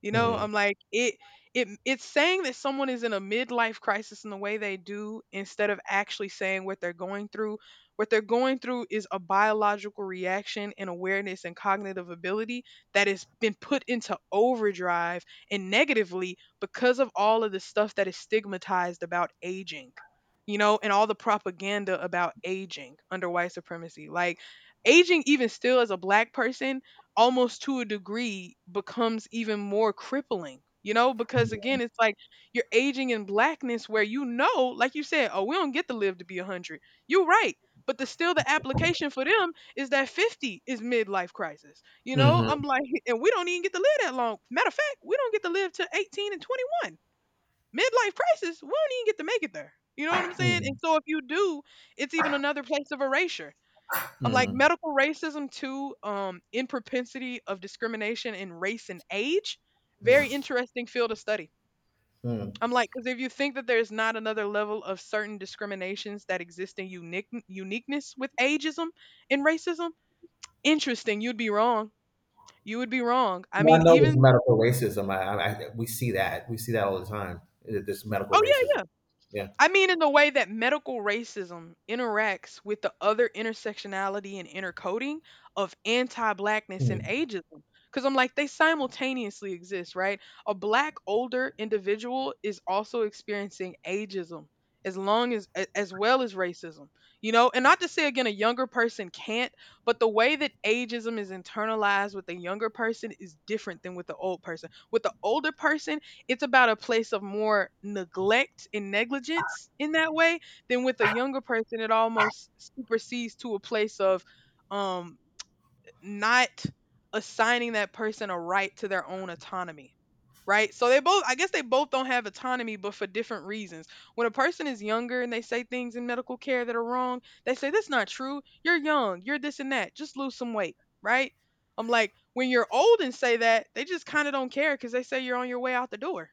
Speaker 1: You know,
Speaker 2: Mhm,
Speaker 1: I'm like it it it's saying that someone is in a midlife crisis in the way they do instead of actually saying what they're going through. What they're going through is a biological reaction and awareness and cognitive ability that has been put into overdrive and negatively because of all of the stuff that is stigmatized about aging. You know, and all the propaganda about aging under white supremacy. Like aging even still as a black person almost to a degree becomes even more crippling, you know, because again it's like you're aging in blackness where, you know, like you said, oh, we don't get to live to be one hundred. You're right, but the still the application for them is that fifty is midlife crisis, you know,
Speaker 2: mhm,
Speaker 1: I'm like and we don't even get to live that long. Matter of fact, we don't get to live to eighteen and twenty-one. Midlife crisis, we don't even get to make it there, you know what I'm saying, and
Speaker 2: mm,
Speaker 1: so if you do, it's even another place of erasure. I'm like
Speaker 2: mm,
Speaker 1: medical racism too, um, in propensity of discrimination in race and age.
Speaker 2: mm,
Speaker 1: Very interesting field of study.
Speaker 2: mm.
Speaker 1: I'm like, because if you think that there's not another level of certain discriminations that exist in unique uniqueness with ageism and racism, interesting. You'd be wrong. You would be wrong. I
Speaker 2: Well,
Speaker 1: mean,
Speaker 2: I know there's
Speaker 1: even
Speaker 2: medical racism. I, I, I- we see that. We see that all the time. That There's medical
Speaker 1: oh yeah,
Speaker 2: racism.
Speaker 1: yeah.
Speaker 2: Yeah.
Speaker 1: I mean, in the way that medical racism interacts with the other intersectionality and intercoding of anti-blackness and
Speaker 2: Mhm,
Speaker 1: ageism. Because I'm like, they simultaneously exist, right? A black older individual is also experiencing ageism as long as a- as well as racism, you know, and not to say again a younger person can't, but the way that ageism is internalized with a younger person is different than with the old person, with the older person. It's about a place of more neglect and negligence in that way than with a younger person. It almost supersedes to a place of, um not assigning that person a right to their own autonomy, right? So they both, I guess, they both don't have autonomy but for different reasons. When a person is younger and they say things in medical care that are wrong, they say that's not true, you're young, you're this and that, just lose some weight, right? I'm like when you're old and say that, they just kind of don't care because they say you're on your way out the door,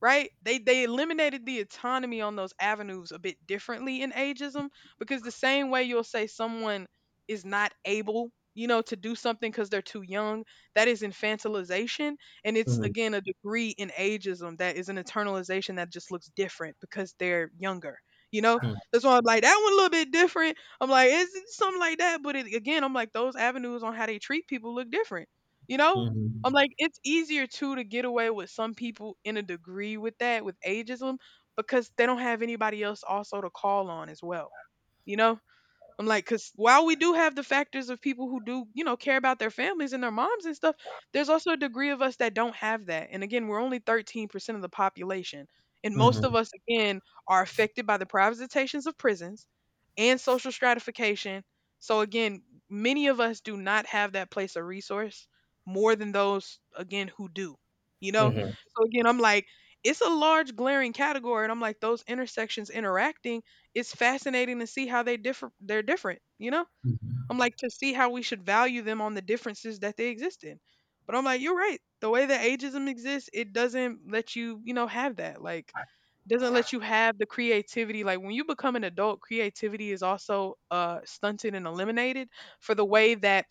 Speaker 1: right? They they eliminated the autonomy on those avenues a bit differently in ageism, because the same way you'll say someone is not able, you know, to do something because they're too young, that is infantilization, and it's
Speaker 2: mhm,
Speaker 1: again a degree in ageism that is an internalization that just looks different because they're younger. You know, that's why I'm like that one a little bit different. I'm like, it's it's something like that, but it, again, I'm like those avenues on how they treat people look different. You know, I'm
Speaker 2: mhm,
Speaker 1: like, it's easier too to get away with some people in a degree with that, with ageism, because they don't have anybody else also to call on as well. You know? I'm like, because while we do have the factors of people who do, you know, care about their families and their moms and stuff, there's also a degree of us that don't have that. And again, we're only thirteen percent of the population. And most of
Speaker 2: mhm,
Speaker 1: us, again, are affected by the privatizations of prisons and social stratification. So, again, many of us do not have that place of resource more than those, again, who do, you know?
Speaker 2: mhm,
Speaker 1: So, again, I'm like, it's a large glaring category. And I'm like, those intersections interacting, it's fascinating to see how they differ, they're different, you know.
Speaker 2: mhm,
Speaker 1: I'm like, to see how we should value them on the differences that they exist in. But I'm like, you're right. The way that ageism exists, it doesn't let you, you know, have that. Like, doesn't let you have the creativity. Like when you become an adult, creativity is also uh stunted and eliminated for the way that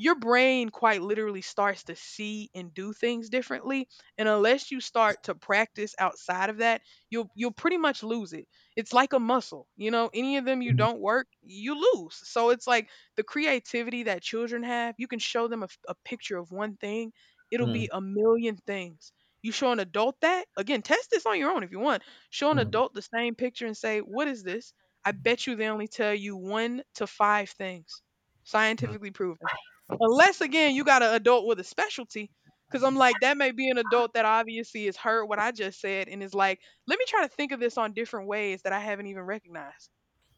Speaker 1: your brain quite literally starts to see and do things differently. And unless you start to practice outside of that, you'll you'll pretty much lose it it's like a muscle, you know, any of them you
Speaker 2: mhm,
Speaker 1: don't work you lose, so it's like the creativity that children have. You can show them a, f- a picture of one thing, it'll be
Speaker 2: mhm,
Speaker 1: a million things. You show an adult that, again, test this on your own if you want. Show an
Speaker 2: mhm,
Speaker 1: adult the same picture and say, "What is this?" I bet you they only tell you one to five things,
Speaker 2: mhm,
Speaker 1: scientifically proven. Unless, again, you got an adult with a specialty. Because I'm like, that may be an adult that obviously has heard what I just said and is like, let me try to think of this on different ways that I haven't even recognized,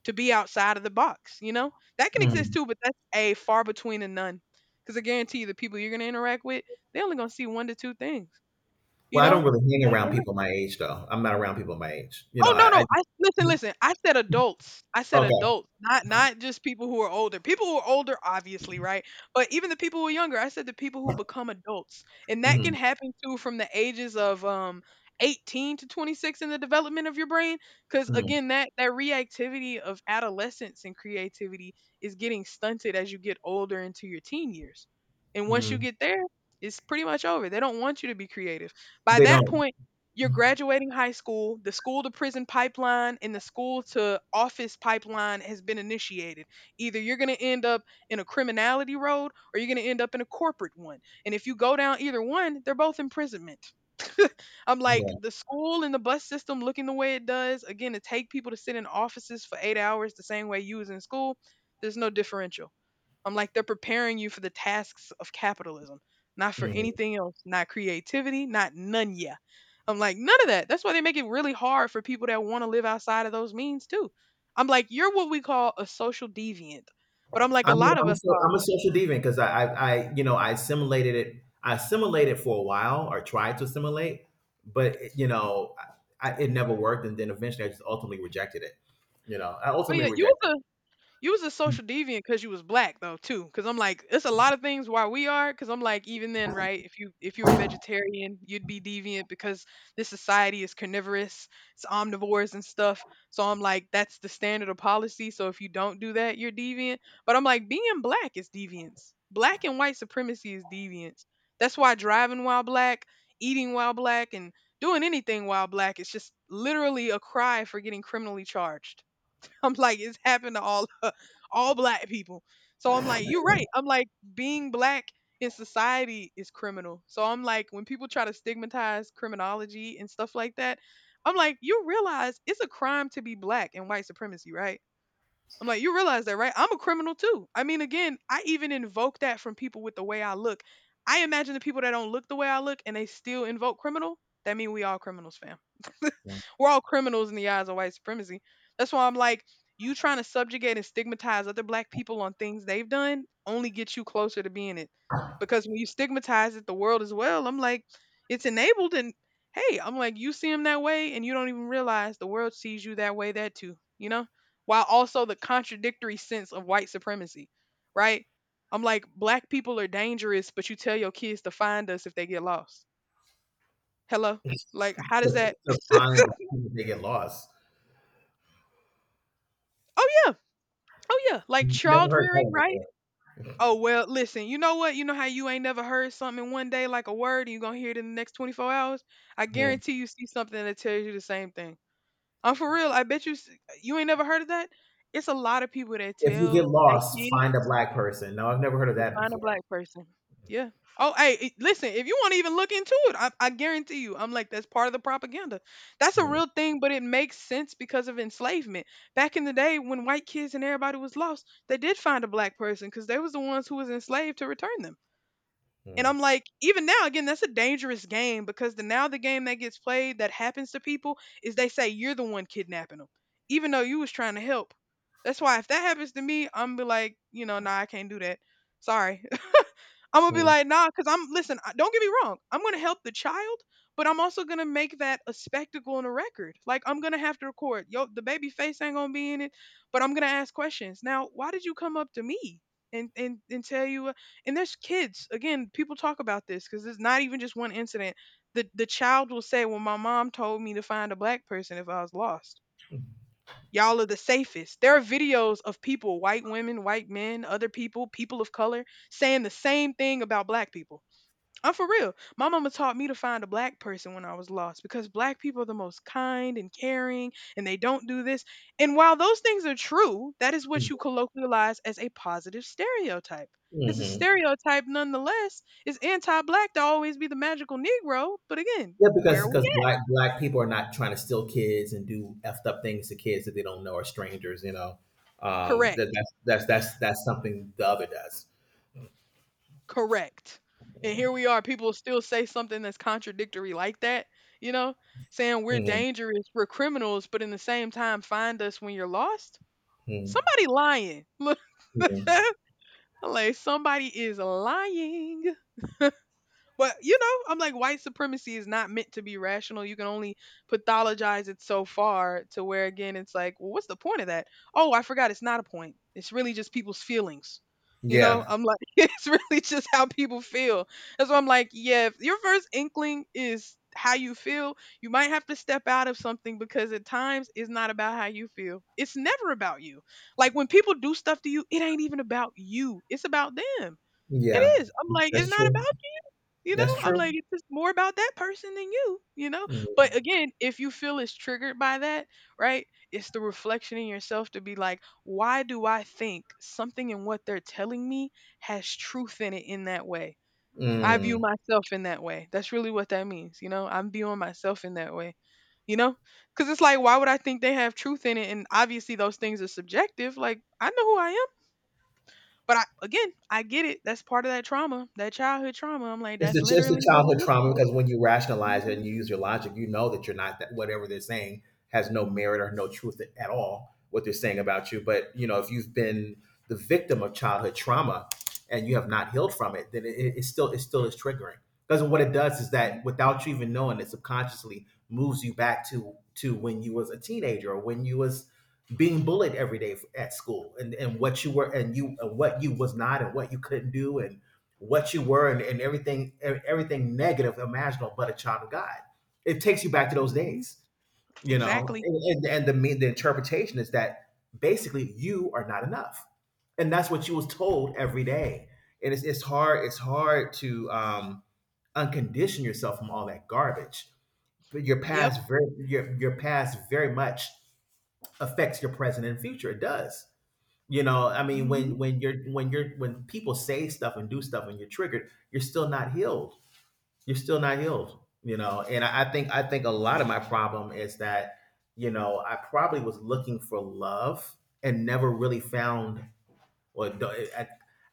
Speaker 1: to be outside of the box, you know? That can exist
Speaker 2: mhm.
Speaker 1: too, but that's a far between and none. Because I guarantee you, the people you're going to interact with, they're only going to see one to two things, you
Speaker 2: Well, I
Speaker 1: know?
Speaker 2: don't really hang
Speaker 1: Like,
Speaker 2: around
Speaker 1: they're—
Speaker 2: people my age, though. I'm not around people my age. You know,
Speaker 1: Oh, no, no.
Speaker 2: I,
Speaker 1: I listen, listen. I said adults. I
Speaker 2: I
Speaker 1: said
Speaker 2: okay.
Speaker 1: adults, not not just people who are older. People who are older, obviously, right? But even the people who are younger. I said the people who become adults, and that can
Speaker 2: Mhm,
Speaker 1: happen too from the ages of um eighteen to twenty-six, in the development of your brain. Because
Speaker 2: mhm,
Speaker 1: again, that that reactivity of adolescence and creativity is getting stunted as you get older into your teen years, and once you
Speaker 2: mhm.
Speaker 1: get there, it's pretty much over. They don't want you to be creative by
Speaker 2: They
Speaker 1: that
Speaker 2: don't.
Speaker 1: point. You're graduating high school. The school to prison pipeline and the school to office pipeline has been initiated. Either you're going to end up in a criminality road or you're going to end up in a corporate one. And if you go down either one, they're both imprisonment. I'm like,
Speaker 2: Yeah.
Speaker 1: the school and the bus system looking the way it does, again, to take people to sit in offices for eight hours the same way you was in school, there's no differential. I'm like, they're preparing you for the tasks of capitalism, not for
Speaker 2: Mhm.
Speaker 1: anything else, not creativity, not none, yeah. I'm like, none of that. That's why they make it really hard for people that want to live outside of those means too. I'm like, you're what we call a social deviant. But I'm like, a
Speaker 2: I'm, a,
Speaker 1: lot of
Speaker 2: I'm, a,
Speaker 1: us
Speaker 2: so-
Speaker 1: are.
Speaker 2: I'm a social deviant because I, I, I, you know, I assimilated it. I assimilated for a while or tried to assimilate, but you know, I, I, it never worked. And then eventually, I just ultimately rejected it. You know, I
Speaker 1: Oh
Speaker 2: ultimately
Speaker 1: yeah, you
Speaker 2: rejected
Speaker 1: was— you was a social deviant because you was black though too. Because I'm like, it's a lot of things why we are. Because I'm like, even then, right? If you if you were vegetarian, you'd be deviant because this society is carnivorous, it's omnivores and stuff. So I'm like, that's the standard of policy. So if you don't do that, you're deviant. But I'm like, being black is deviance. Black and white supremacy is deviance. That's why driving while black, eating while black, and doing anything while black is just literally a cry for getting criminally charged. I'm like, it's happened to all all black people. So I'm like, you're right. I'm like, being black in society is criminal. So I'm like, when people try to stigmatize criminology and stuff like that, I'm like, you realize it's a crime to be black in white supremacy, right? I'm like, you realize that, right? I'm a criminal too. I mean, again, I even invoke that from people with the way I look. I imagine the people that don't look the way I look and they still invoke criminal. That mean we all criminals, fam.
Speaker 2: it.
Speaker 1: We're all criminals in the eyes of white supremacy. That's why I'm like, you trying to subjugate and stigmatize other black people on things they've done only gets you closer to being it. Because when you stigmatize it, the world as well, I'm like, it's enabled, and hey, I'm like, you see them that way and you don't even realize the world sees you that way that too, you know? While also the contradictory sense of white supremacy, right? I'm like, black people are dangerous, but you tell your kids to find us if they get lost. Hello?
Speaker 2: Yeah.
Speaker 1: Like,
Speaker 2: to,
Speaker 1: how does that?
Speaker 2: to find black people, they get lost.
Speaker 1: Oh, yeah. Oh, yeah. Like
Speaker 2: Never
Speaker 1: child
Speaker 2: heard that
Speaker 1: rearing,
Speaker 2: one
Speaker 1: right?
Speaker 2: before.
Speaker 1: Oh, well, listen, you know what? You know how you ain't never heard something one day like a word and you're going to hear it in the next twenty-four hours? I
Speaker 2: Hmm.
Speaker 1: guarantee you see something that tells you the same thing. I'm for real. I bet you s- You ain't never heard of that. It's a lot of people that
Speaker 2: If you get
Speaker 1: tell their
Speaker 2: lost, find a
Speaker 1: kids.
Speaker 2: black person. No, I've never heard of
Speaker 1: To
Speaker 2: that
Speaker 1: find a
Speaker 2: before.
Speaker 1: black person. Yeah. Oh, hey, i- listen, if you want to even look into it, I, I guarantee you, I'm like, that's part of the propaganda. That's a real thing, but it makes sense because of enslavement. Back in the day when white kids and everybody was lost, they did find a black person because they was the ones who was enslaved to return them. And
Speaker 2: Mm-hmm.
Speaker 1: I'm like, even now, again, that's a dangerous game because the now the game that gets played that happens to people is they say you're the one kidnapping them, even though you was trying to help. That's why if that happens to me, I'm be like, you know, nah, I can't do that. Sorry. I'm gonna be
Speaker 2: Hmm.
Speaker 1: like, nah, because I'm listen. I- Don't get me wrong. I'm gonna help the child, but I'm also gonna make that a spectacle and a record. Like I'm gonna have to record. Yo, the baby face ain't gonna be in it, but I'm gonna ask questions. Now, why did you come up to me and and and tell you? uh, And there's kids. Again, people talk about this because it's not even just one incident. The the child will say, well, my mom told me to find a black person if I was lost. Y'all are the safest. There are videos of people, white women, white men, other people, people of color, saying the same thing about black people. I'm for real. My mama taught me to find a black person when I was lost because black people are the most kind and caring and they don't do this. And while those things are true, that is what you colloquialize as a positive stereotype. It's a stereotype nonetheless. It's anti black to always be the magical Negro, but again,
Speaker 2: Yeah,
Speaker 1: where
Speaker 2: because
Speaker 1: are we
Speaker 2: because black black people are not trying to steal kids and do effed up things to kids that they don't know or strangers. You know,
Speaker 1: at?
Speaker 2: um, that
Speaker 1: Correct.
Speaker 2: that's that's that's that's something the other does.
Speaker 1: Correct. And here we are, people still say something that's contradictory like that, you know, saying we're
Speaker 2: Hmm.
Speaker 1: dangerous, we're criminals, but in the same time find us when you're lost.
Speaker 2: Hmm.
Speaker 1: Somebody lying. Look,
Speaker 2: Hmm.
Speaker 1: I'm like somebody is lying. But you know, I'm like white supremacy is not meant to be rational. You can only pathologize it so far to where again it's like, well, what's the point of that? Oh, I forgot it's not a point. It's really just people's feelings. You know,
Speaker 2: Yeah,
Speaker 1: I'm like, it's really just how people feel. That's why I'm like, yeah, if your first inkling is how you feel, you might have to step out of something because at times it's not about how you feel. It's never about you. Like when people do stuff to you, it ain't even about you. It's about them.
Speaker 2: yeah,
Speaker 1: It is. I'm like, it's
Speaker 2: that's
Speaker 1: not
Speaker 2: true.
Speaker 1: about, you know,
Speaker 2: That's
Speaker 1: I'm
Speaker 2: true.
Speaker 1: like, it's just more about that person than you, you know? But
Speaker 2: Mm-hmm.
Speaker 1: again, if you feel it's triggered by that, right? It's the reflection in yourself to be like, why do I think something in what they're telling me has truth in it in that way? I view
Speaker 2: Mm.
Speaker 1: myself in that way. That's really what that means, you know? I'm viewing myself in that way, you know? Because it's like, why would I think they have truth in it? And obviously, those things are subjective. Like, I know who I am. But I, again, I get it. That's part of that trauma, that childhood trauma. I'm like,
Speaker 2: It's the
Speaker 1: that's
Speaker 2: it's
Speaker 1: literally
Speaker 2: the
Speaker 1: what it
Speaker 2: childhood
Speaker 1: looks
Speaker 2: trauma
Speaker 1: like.
Speaker 2: because when you rationalize it
Speaker 1: Mhm,
Speaker 2: and you use your logic, you know that you're not that, whatever they're saying has no merit or no truth at all, what they're saying about you. But you know, if you've been the victim of childhood trauma and you have not healed from it, then it, it, it still it still is triggering. Because what it does is
Speaker 1: mhm,
Speaker 2: that without you even knowing it, subconsciously moves you back to to when you was a teenager, or when you was being bullied every day f- at school, and and what you were, and you and what you was not, and what you couldn't do, and what you were, and, and everything, e- everything negative imaginable but a child of god. It takes you back to those
Speaker 1: mhm.
Speaker 2: days, you know,
Speaker 1: Exactly.
Speaker 2: and, and, and the the interpretation is that basically you are not enough, and that's what you was told every day. And it's, it's hard it's hard to um uncondition yourself from all that garbage. But your
Speaker 1: Yep.
Speaker 2: past very, your, your past very much affects your present and future. It does. You know, I mean,
Speaker 1: Mhm.
Speaker 2: when when you're when you're when people say stuff and do stuff and you're triggered, you're still not healed. You're still not healed. You know, and I, I think I think a lot of my problem is that, you know, I probably was looking for love and never really found. Well, do- I,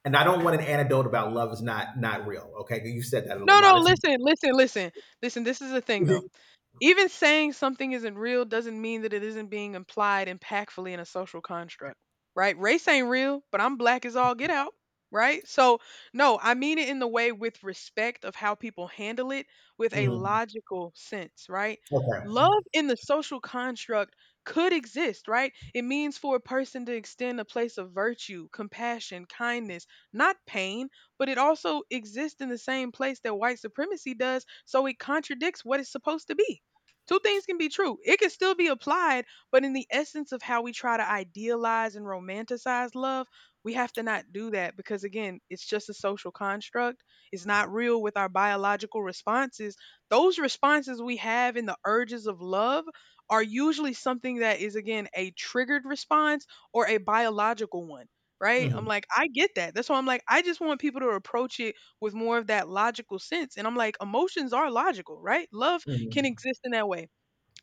Speaker 2: and I don't want an anecdote about love is not not real. Okay, you said that a
Speaker 1: No, no,
Speaker 2: lot of times.
Speaker 1: listen, listen, listen. Listen, this is the thing though. Even saying something isn't real doesn't mean that it isn't being implied impactfully in a social construct, right? Race ain't real, but I'm black as all get out, right? So, no, I mean it in the way with respect of how people handle it with a
Speaker 2: Mhm.
Speaker 1: logical sense, right?
Speaker 2: Okay.
Speaker 1: Love in the social construct could exist, right? It means for a person to extend a place of virtue, compassion, kindness, not pain, but it also exists in the same place that white supremacy does, so it contradicts what it's supposed to be. Two things can be true. It can still be applied, but in the essence of how we try to idealize and romanticize love, we have to not do that because, again, it's just a social construct. It's not real with our biological responses. Those responses we have in the urges of love are usually something that is, again, a triggered response or a biological one. Right? I'm
Speaker 2: Hmm.
Speaker 1: like, I get that. That's why I'm like, I just want people to approach it with more of that logical sense. And I'm like, emotions are logical, right? Love can
Speaker 2: Hmm.
Speaker 1: exist in that way.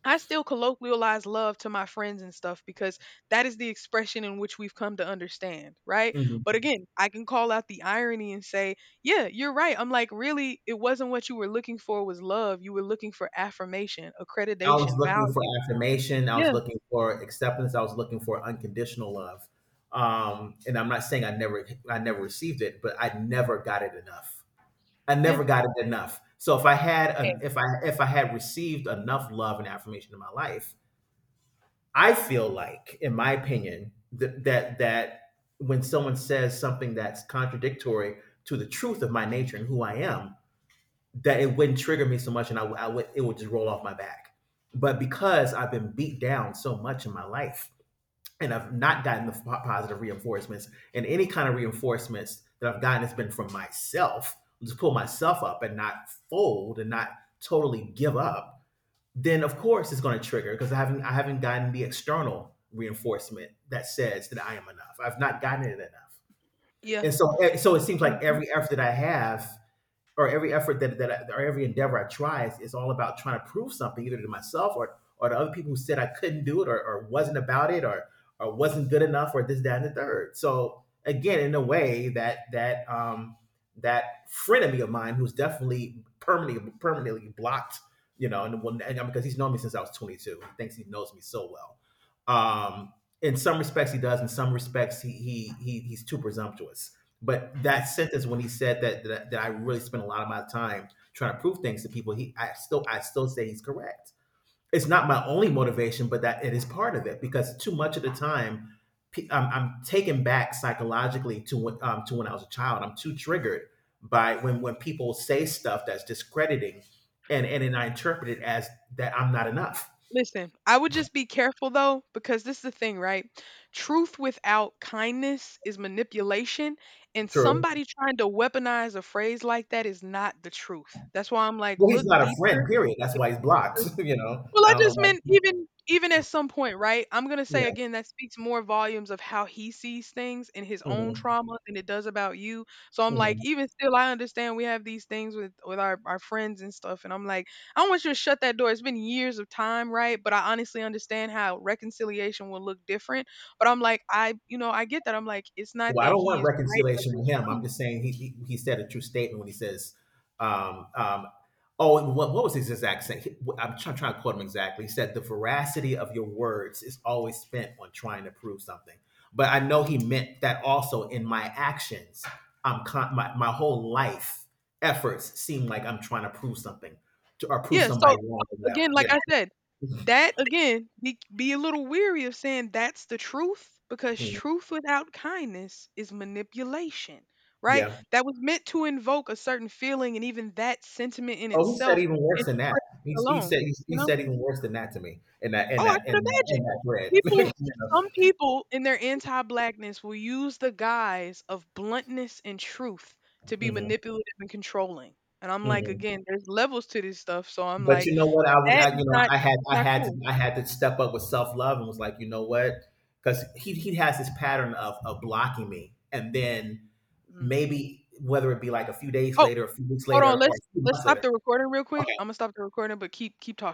Speaker 1: I still colloquialize love to my friends and stuff because that is the expression in which we've come to understand, right? But
Speaker 2: Hmm.
Speaker 1: again, I can call out the irony and say, yeah, you're right. I'm like, really, it wasn't what you were looking for was love. You were looking for affirmation,
Speaker 2: I was
Speaker 1: accreditation,
Speaker 2: looking for
Speaker 1: value.
Speaker 2: affirmation. I was
Speaker 1: Yeah,
Speaker 2: looking for acceptance. I was looking for unconditional love. Um, and I'm not saying I never, I never received it, but I never got it enough. I
Speaker 1: yeah,
Speaker 2: never got it enough. So if I had, an, if I, if I had received enough love and affirmation in my life, I feel like, in my opinion, that that that when someone says something that's contradictory to the truth of my nature and who I am, that it wouldn't trigger me so much, and I, I would it would just roll off my back. But because I've been beat down so much in my life, and I've not gotten the positive reinforcements, and any kind of reinforcements that I've gotten has been from myself, just pull myself up and not fold and not totally give up, then of course it's going to trigger because I haven't I haven't gotten the external reinforcement that says that I am enough. I've not gotten it enough.
Speaker 1: yeah.
Speaker 2: And so eh, so it seems like
Speaker 1: Hmm.
Speaker 2: every effort that I have, or every effort that, that I, or every endeavor I try is, is all about trying to prove something, either to myself, or or to other people who said I couldn't do it, or, or wasn't about it, or or wasn't good enough, or this that and the third. So again, in a way that that um, that frenemy of mine who's definitely permanently permanently blocked, you know, and, well, and because he's known me since I was twenty-two, he thinks he knows me so well. Um, in some respects, he does. In some respects, he he, he he's too presumptuous, but that sentence when he said that that, that I really spent a lot of my time trying to prove things to people, he I still I still say he's correct. It's not my only motivation, but that it is part of it because too much of the time I'm, I'm taken back psychologically to when, um, to when I was a child. I'm too triggered by when when people say stuff that's discrediting, and and then I interpret it as that I'm not enough.
Speaker 1: Listen, I would just be careful though, because this is the thing, right? Truth without kindness is manipulation, and
Speaker 2: True.
Speaker 1: somebody trying to weaponize a phrase like that is not the truth. That's why I'm like,
Speaker 2: Well, he's
Speaker 1: look
Speaker 2: not a
Speaker 1: deeper.
Speaker 2: friend. Period. That's why he's blocked. You know.
Speaker 1: Well,
Speaker 2: I
Speaker 1: I
Speaker 2: don't know
Speaker 1: just meant
Speaker 2: why.
Speaker 1: even even at some point, right? I'm gonna say
Speaker 2: Yeah.
Speaker 1: again that speaks more volumes of how he sees things and his own
Speaker 2: Hmm.
Speaker 1: trauma than it does about you. So I'm like, even still, I understand we have these things with with our our friends and stuff, and I'm like, I don't want you to shut that door. It's been years of time, right? But I honestly understand how reconciliation will look different. But I'm like, I you know I get that. I'm like, it's not
Speaker 2: Well, I
Speaker 1: that
Speaker 2: don't
Speaker 1: he
Speaker 2: want
Speaker 1: is right, but
Speaker 2: reconciliation with
Speaker 1: it's
Speaker 2: him.
Speaker 1: true.
Speaker 2: I'm just saying he he, he said a true statement when he says, um, um, "Oh, and what, what was his exact saying? He- I'm trying, trying to quote him exactly. He said, "The veracity of your words is always spent on trying to prove something." But I know he meant that also in my actions. I'm con- my my whole life efforts seem like I'm trying to prove something to, or prove
Speaker 1: Yeah,
Speaker 2: somebody
Speaker 1: so
Speaker 2: wrong or whatever.
Speaker 1: again, like
Speaker 2: Yeah.
Speaker 1: I said, that again, be be a little weary of saying that's the truth because
Speaker 2: Mm.
Speaker 1: truth without kindness is manipulation, right?
Speaker 2: Yeah.
Speaker 1: That was meant to invoke a certain feeling, and even that sentiment in
Speaker 2: Oh, he said
Speaker 1: itself
Speaker 2: even worse
Speaker 1: is
Speaker 2: than that.
Speaker 1: tricked
Speaker 2: He, he
Speaker 1: alone.
Speaker 2: said he,
Speaker 1: You
Speaker 2: he
Speaker 1: know?
Speaker 2: said even worse than that to me, in that in
Speaker 1: Oh, I
Speaker 2: that
Speaker 1: could
Speaker 2: in that in
Speaker 1: imagine
Speaker 2: that thread.
Speaker 1: people.
Speaker 2: You know?
Speaker 1: Some people in their anti-blackness will use the guise of bluntness and truth to be
Speaker 2: Mhm,
Speaker 1: manipulative and controlling. And I'm like,
Speaker 2: mhm.
Speaker 1: again, there's levels to this stuff. So I'm
Speaker 2: But
Speaker 1: like,
Speaker 2: you know what? I was
Speaker 1: that
Speaker 2: I,
Speaker 1: is
Speaker 2: you know
Speaker 1: not—
Speaker 2: I had,
Speaker 1: it's
Speaker 2: I
Speaker 1: not
Speaker 2: had to
Speaker 1: cool.
Speaker 2: I had to step up with self love, and was like, you know what, because he he has this pattern of of blocking me, and then
Speaker 1: Mm.
Speaker 2: maybe whether it be like a few days
Speaker 1: Oh,
Speaker 2: later, a few weeks
Speaker 1: hold on,
Speaker 2: later, or a
Speaker 1: let's
Speaker 2: few
Speaker 1: let's
Speaker 2: months
Speaker 1: stop
Speaker 2: later.
Speaker 1: the recording real quick.
Speaker 2: Okay,
Speaker 1: Imma stop the recording, but keep keep talking.